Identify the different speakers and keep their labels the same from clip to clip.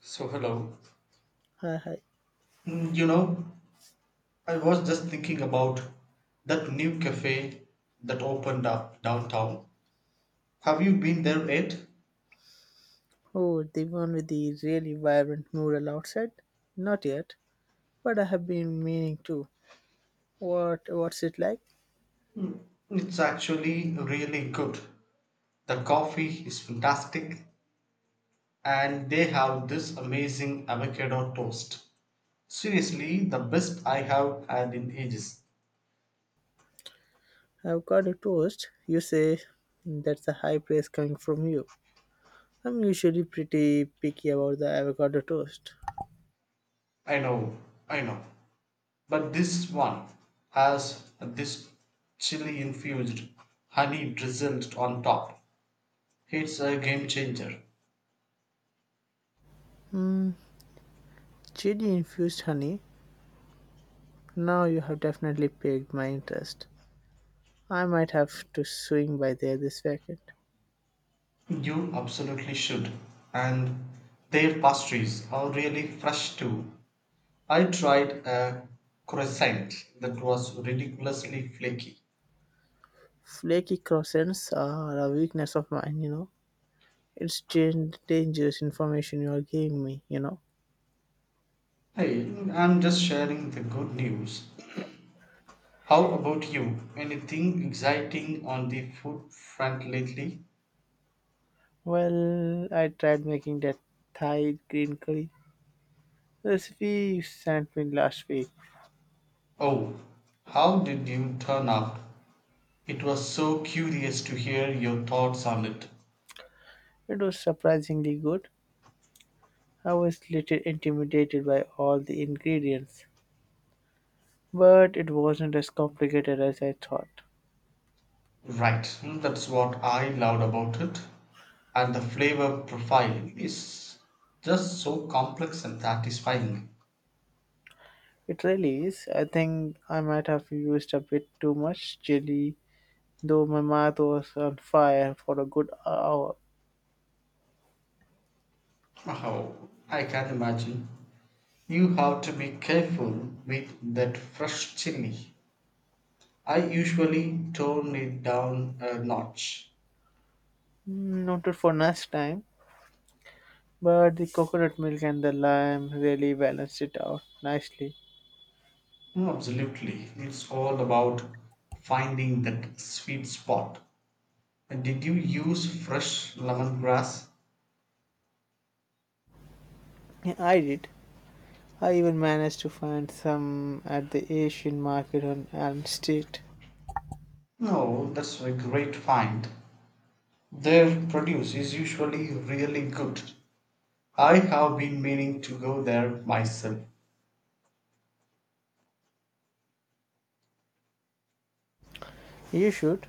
Speaker 1: So hello.
Speaker 2: Hi, hi.
Speaker 1: Mm, You know, I was just thinking about that new cafe that opened up downtown. Have you been there yet?
Speaker 2: Oh, the one with the really vibrant mural outside? Not yet, but I have been meaning to. What's it like?
Speaker 1: Mm, It's actually really good. The coffee is fantastic, and they have this amazing avocado toast. Seriously, the best I have had in ages.
Speaker 2: I've got a toast. You say that's a high praise coming from you. I'm usually pretty picky about the avocado toast.
Speaker 1: I know, I know. But this one has this chili infused, honey drizzled on top. It's a game changer.
Speaker 2: Mm, chili infused honey. Now you have definitely piqued my interest. I might have to swing by there this weekend.
Speaker 1: You absolutely should. And their pastries are really fresh too. I tried a croissant that was ridiculously flaky.
Speaker 2: Flaky croissants are a weakness of mine, you know. Dangerous information you are giving me, you know.
Speaker 1: Hey, I'm just sharing the good news. How about you? Anything exciting on the food front lately?
Speaker 2: Well, I tried making that Thai green curry recipe you sent me last week.
Speaker 1: Oh, how did you turn out? It was so curious to hear your thoughts on it.
Speaker 2: It was surprisingly good. I was little intimidated by all the ingredients, but it wasn't as complicated as I thought.
Speaker 1: Right, that's what I loved about it. And the flavor profile is just so complex and satisfying.
Speaker 2: It really is. I think I might have used a bit too much chili, though my mouth was on fire for a good hour.
Speaker 1: Oh, I can imagine. You have to be careful with that fresh chili. I usually tone it down a notch.
Speaker 2: Noted for next time. But the coconut milk and the lime really balanced it out nicely.
Speaker 1: No, absolutely. It's all about finding that sweet spot. And did you use fresh lemongrass?
Speaker 2: Yeah, I did. I even managed to find some at the Asian market on Elm Street.
Speaker 1: No, that's a great find. Their produce is usually really good. I have been meaning to go there myself.
Speaker 2: You should.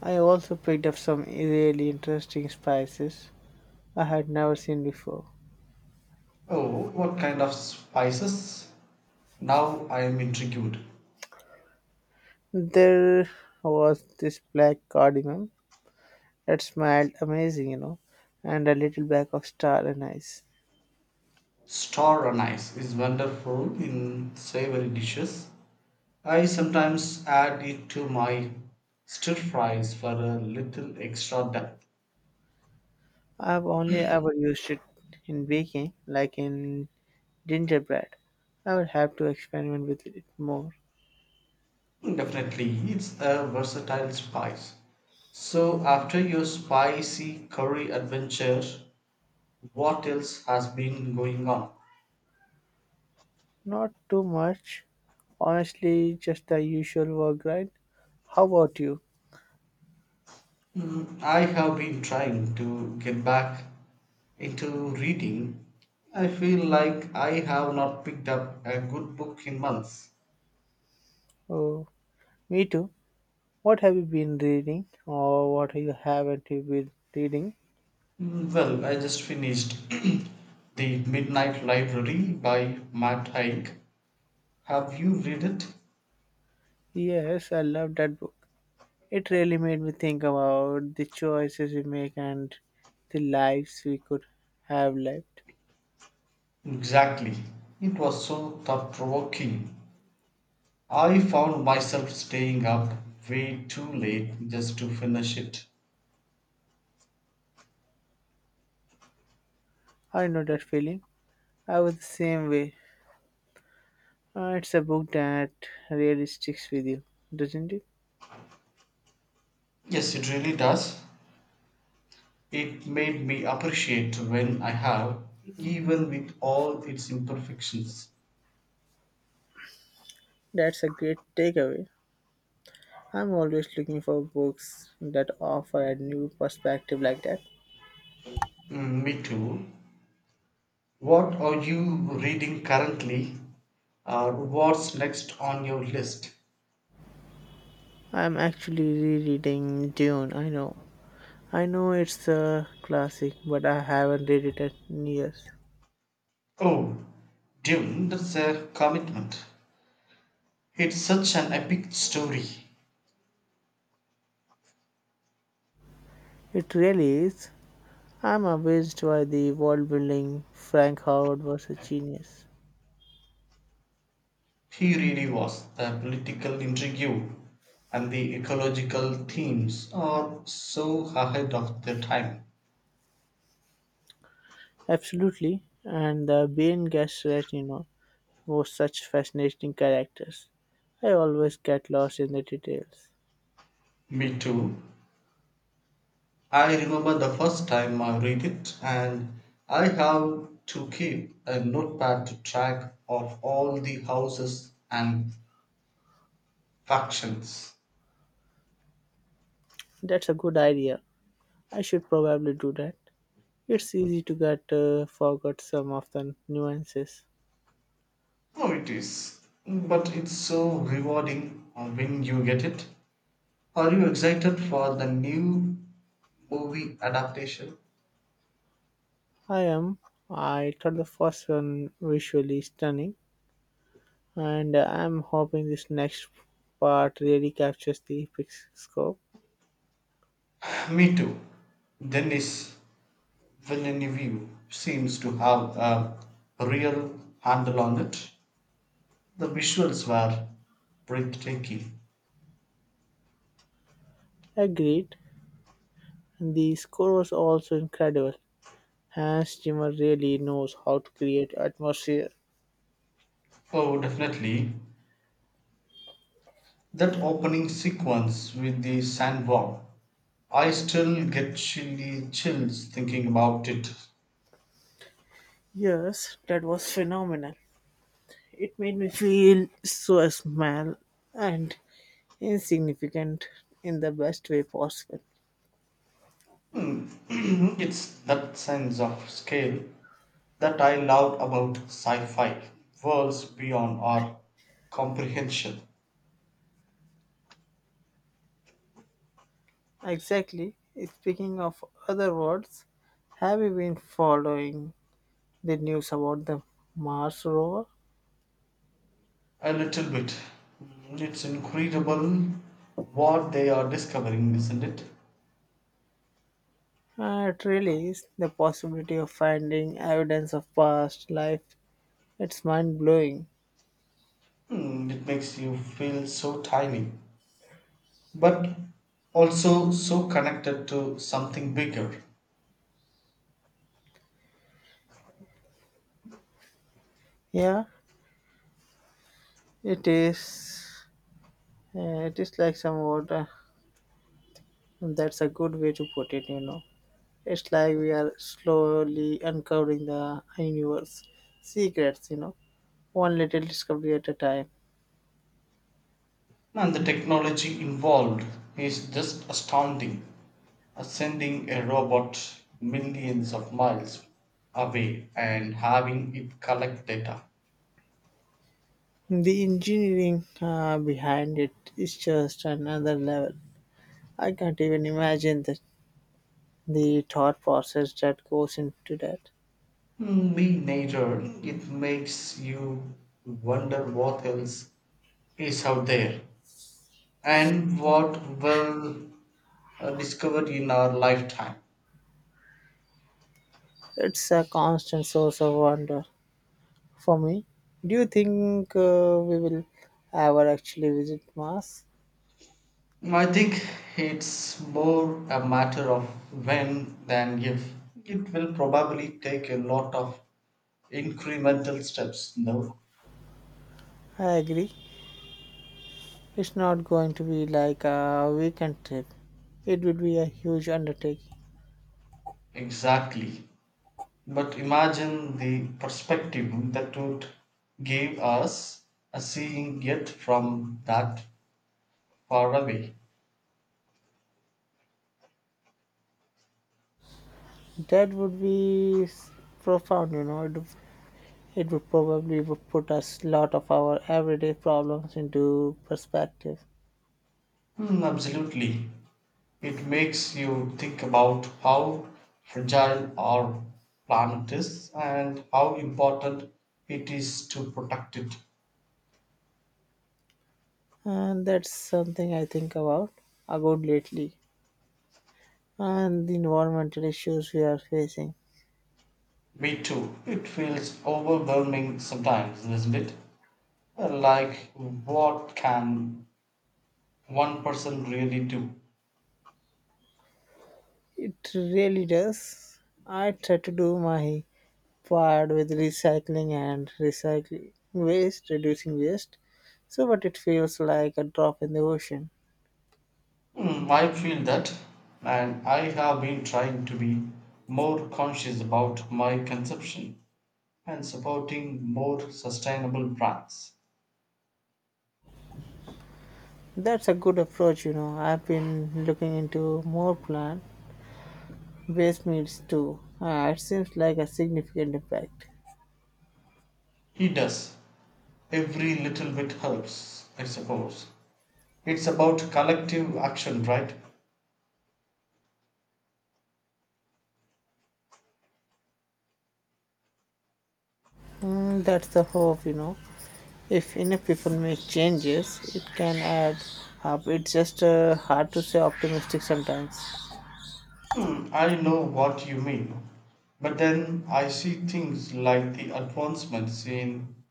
Speaker 2: I also picked up some really interesting spices I had never seen before.
Speaker 1: Oh, what kind of spices? Now I am intrigued.
Speaker 2: There was this black cardamom that smelled amazing, you know, and a little bag of star anise.
Speaker 1: Star anise is wonderful in savory dishes. I sometimes add it to my stir fries for a little extra depth.
Speaker 2: I've only ever used it in baking, like in gingerbread. I will have to experiment with it more.
Speaker 1: Definitely, it's a versatile spice. So, after your spicy curry adventure, what else has been going on?
Speaker 2: Not too much, honestly, just the usual work grind. How about you?
Speaker 1: I have been trying to get back into reading. I feel like I have not picked up a good book in months.
Speaker 2: Oh, me too. What have you been reading, or what you haven't you been reading?
Speaker 1: Well, I just finished The Midnight Library by Matt Haig. Have you read it?
Speaker 2: Yes, I love that book. It really made me think about the choices we make and the lives we could have lived.
Speaker 1: Exactly. It was so thought provoking, I found myself staying up way too late just to finish it.
Speaker 2: I know that feeling. I was the same way. It's a book that really sticks with you, doesn't it?
Speaker 1: Yes, it really does. It made me appreciate when I have, even with all its imperfections.
Speaker 2: That's a great takeaway. I'm always looking for books that offer a new perspective like that.
Speaker 1: Mm, me too. What are you reading currently? Or what's next on your list?
Speaker 2: I'm actually rereading Dune. I know. I know it's a classic, but I haven't read it in years.
Speaker 1: Oh, Dune, that's a commitment. It's such an epic story.
Speaker 2: It really is. I'm amazed by the world building. Frank Howard was a genius.
Speaker 1: He really was. The political intrigue and the ecological themes are so ahead of their time.
Speaker 2: Absolutely. And the Bane Gesserit, you know, were such fascinating characters. I always get lost in the details.
Speaker 1: Me too. I remember the first time I read it, and I have to keep a notepad to track of all the houses and factions.
Speaker 2: That's a good idea. I should probably do that. It's easy to get forgot some of the nuances.
Speaker 1: Oh, it is. But it's so rewarding when you get it. Are you excited for the new movie adaptation?
Speaker 2: I am. I thought the first one visually stunning, and I'm hoping this next part really captures the epic scope.
Speaker 1: Me too. Denis Villeneuve seems to have a real handle on it. The visuals were breathtaking.
Speaker 2: Agreed. The score was also incredible. Hans Zimmer really knows how to create atmosphere.
Speaker 1: Oh, definitely. That opening sequence with the sandworm. I still get chilly chills thinking about it.
Speaker 2: Yes, that was phenomenal. It made me feel so small and insignificant in the best way possible.
Speaker 1: Hmm, it's that sense of scale that I love about sci fi, worlds beyond our comprehension.
Speaker 2: Exactly. Speaking of other words, have you been following the news about the Mars rover?
Speaker 1: A little bit. It's incredible what they are discovering, isn't it?
Speaker 2: It really is the possibility of finding evidence of past life. It's mind blowing.
Speaker 1: It makes you feel so tiny, but also so connected to something bigger.
Speaker 2: Yeah, it is. It is like some water. That's a good way to put it, you know. It's like we are slowly uncovering the universe secrets, you know, one little discovery at a time.
Speaker 1: And the technology involved is just astounding. Sending a robot millions of miles away and having it collect data.
Speaker 2: The engineering behind it is just another level. I can't even imagine the thought process that goes into that.
Speaker 1: Me nature. It makes you wonder what else is out there and what will discover in our lifetime.
Speaker 2: It's a constant source of wonder for me. Do you think we will ever actually visit Mars?
Speaker 1: I think it's more a matter of when than if. It will probably take a lot of incremental steps, no?
Speaker 2: I agree. It's not going to be like a weekend trip. It would be a huge undertaking.
Speaker 1: Exactly. But imagine the perspective that would give us a seeing it from that Paravi.
Speaker 2: That would be s- profound, you know. It would probably would put us lot of our everyday problems into perspective.
Speaker 1: Mm, absolutely. It makes you think about how fragile our planet is and how important it is to protect it.
Speaker 2: And that's something I think about lately. And the environmental issues we are facing.
Speaker 1: Me too. It feels overwhelming sometimes, doesn't it? Like, what can one person really do?
Speaker 2: It really does. I try to do my part with recycling and recycling waste, reducing waste. So but it feels like a drop in the ocean.
Speaker 1: I feel that, and I have been trying to be more conscious about my consumption. And supporting more sustainable brands.
Speaker 2: That's a good approach, you know. I've been looking into more plan waste meats too. It seems like a significant impact.
Speaker 1: He does. Every little bit helps, I suppose. It's about collective action, right?
Speaker 2: Mm, that's the hope, you know. If enough people make changes, it can add up. It's just hard to say optimistic sometimes.
Speaker 1: I know what you mean. But then I see things like the advancements in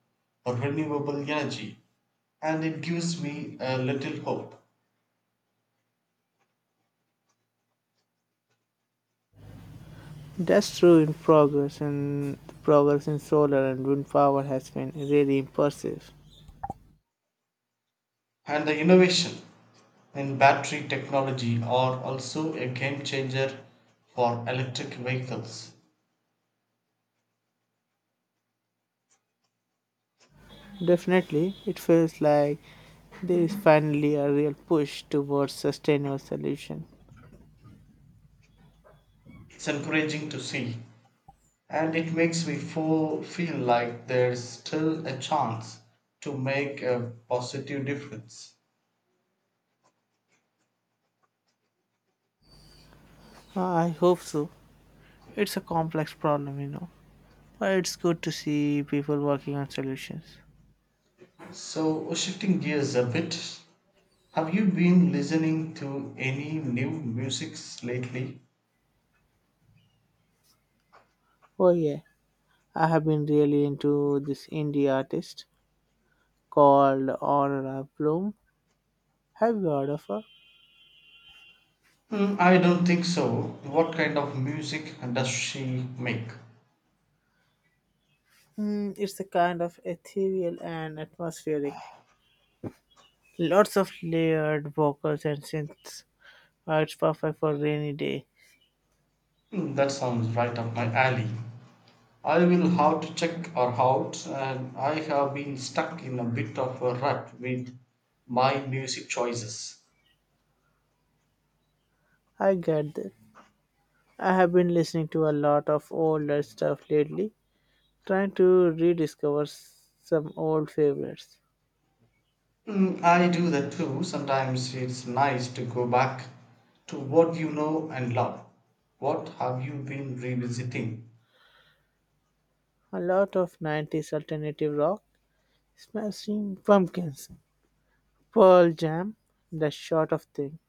Speaker 1: renewable energy, and it gives me a little hope.
Speaker 2: That's true in progress, and the progress in solar and wind power has been really impressive.
Speaker 1: And the innovation in battery technology are also a game changer for electric vehicles.
Speaker 2: Definitely, it feels like there is finally a real push towards sustainable solution.
Speaker 1: It's encouraging to see. And it makes me feel like there's still a chance to make a positive difference.
Speaker 2: I hope so. It's a complex problem, you know. Well, it's good to see people working on solutions.
Speaker 1: So, shifting gears a bit, have you been listening to any new musics lately?
Speaker 2: Oh yeah, I have been really into this indie artist called Aurora Bloom. Have you heard of her?
Speaker 1: I don't think so. What kind of music does she make?
Speaker 2: Mm, it's a kind of ethereal and atmospheric. Lots of layered vocals and synths. It's perfect for rainy day.
Speaker 1: That sounds right up my alley. I will have to check her out, and I have been stuck in a bit of a rut with my music choices.
Speaker 2: I get that. I have been listening to a lot of older stuff lately, trying to some old favorites.
Speaker 1: I do that too. Sometimes it's nice to go back to what you know and love. What have you been revisiting?
Speaker 2: A lot of 90s alternative rock Smashing Pumpkins, Pearl Jam, that sort of thing.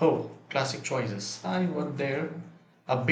Speaker 1: Oh, classic choices. I was there a bit.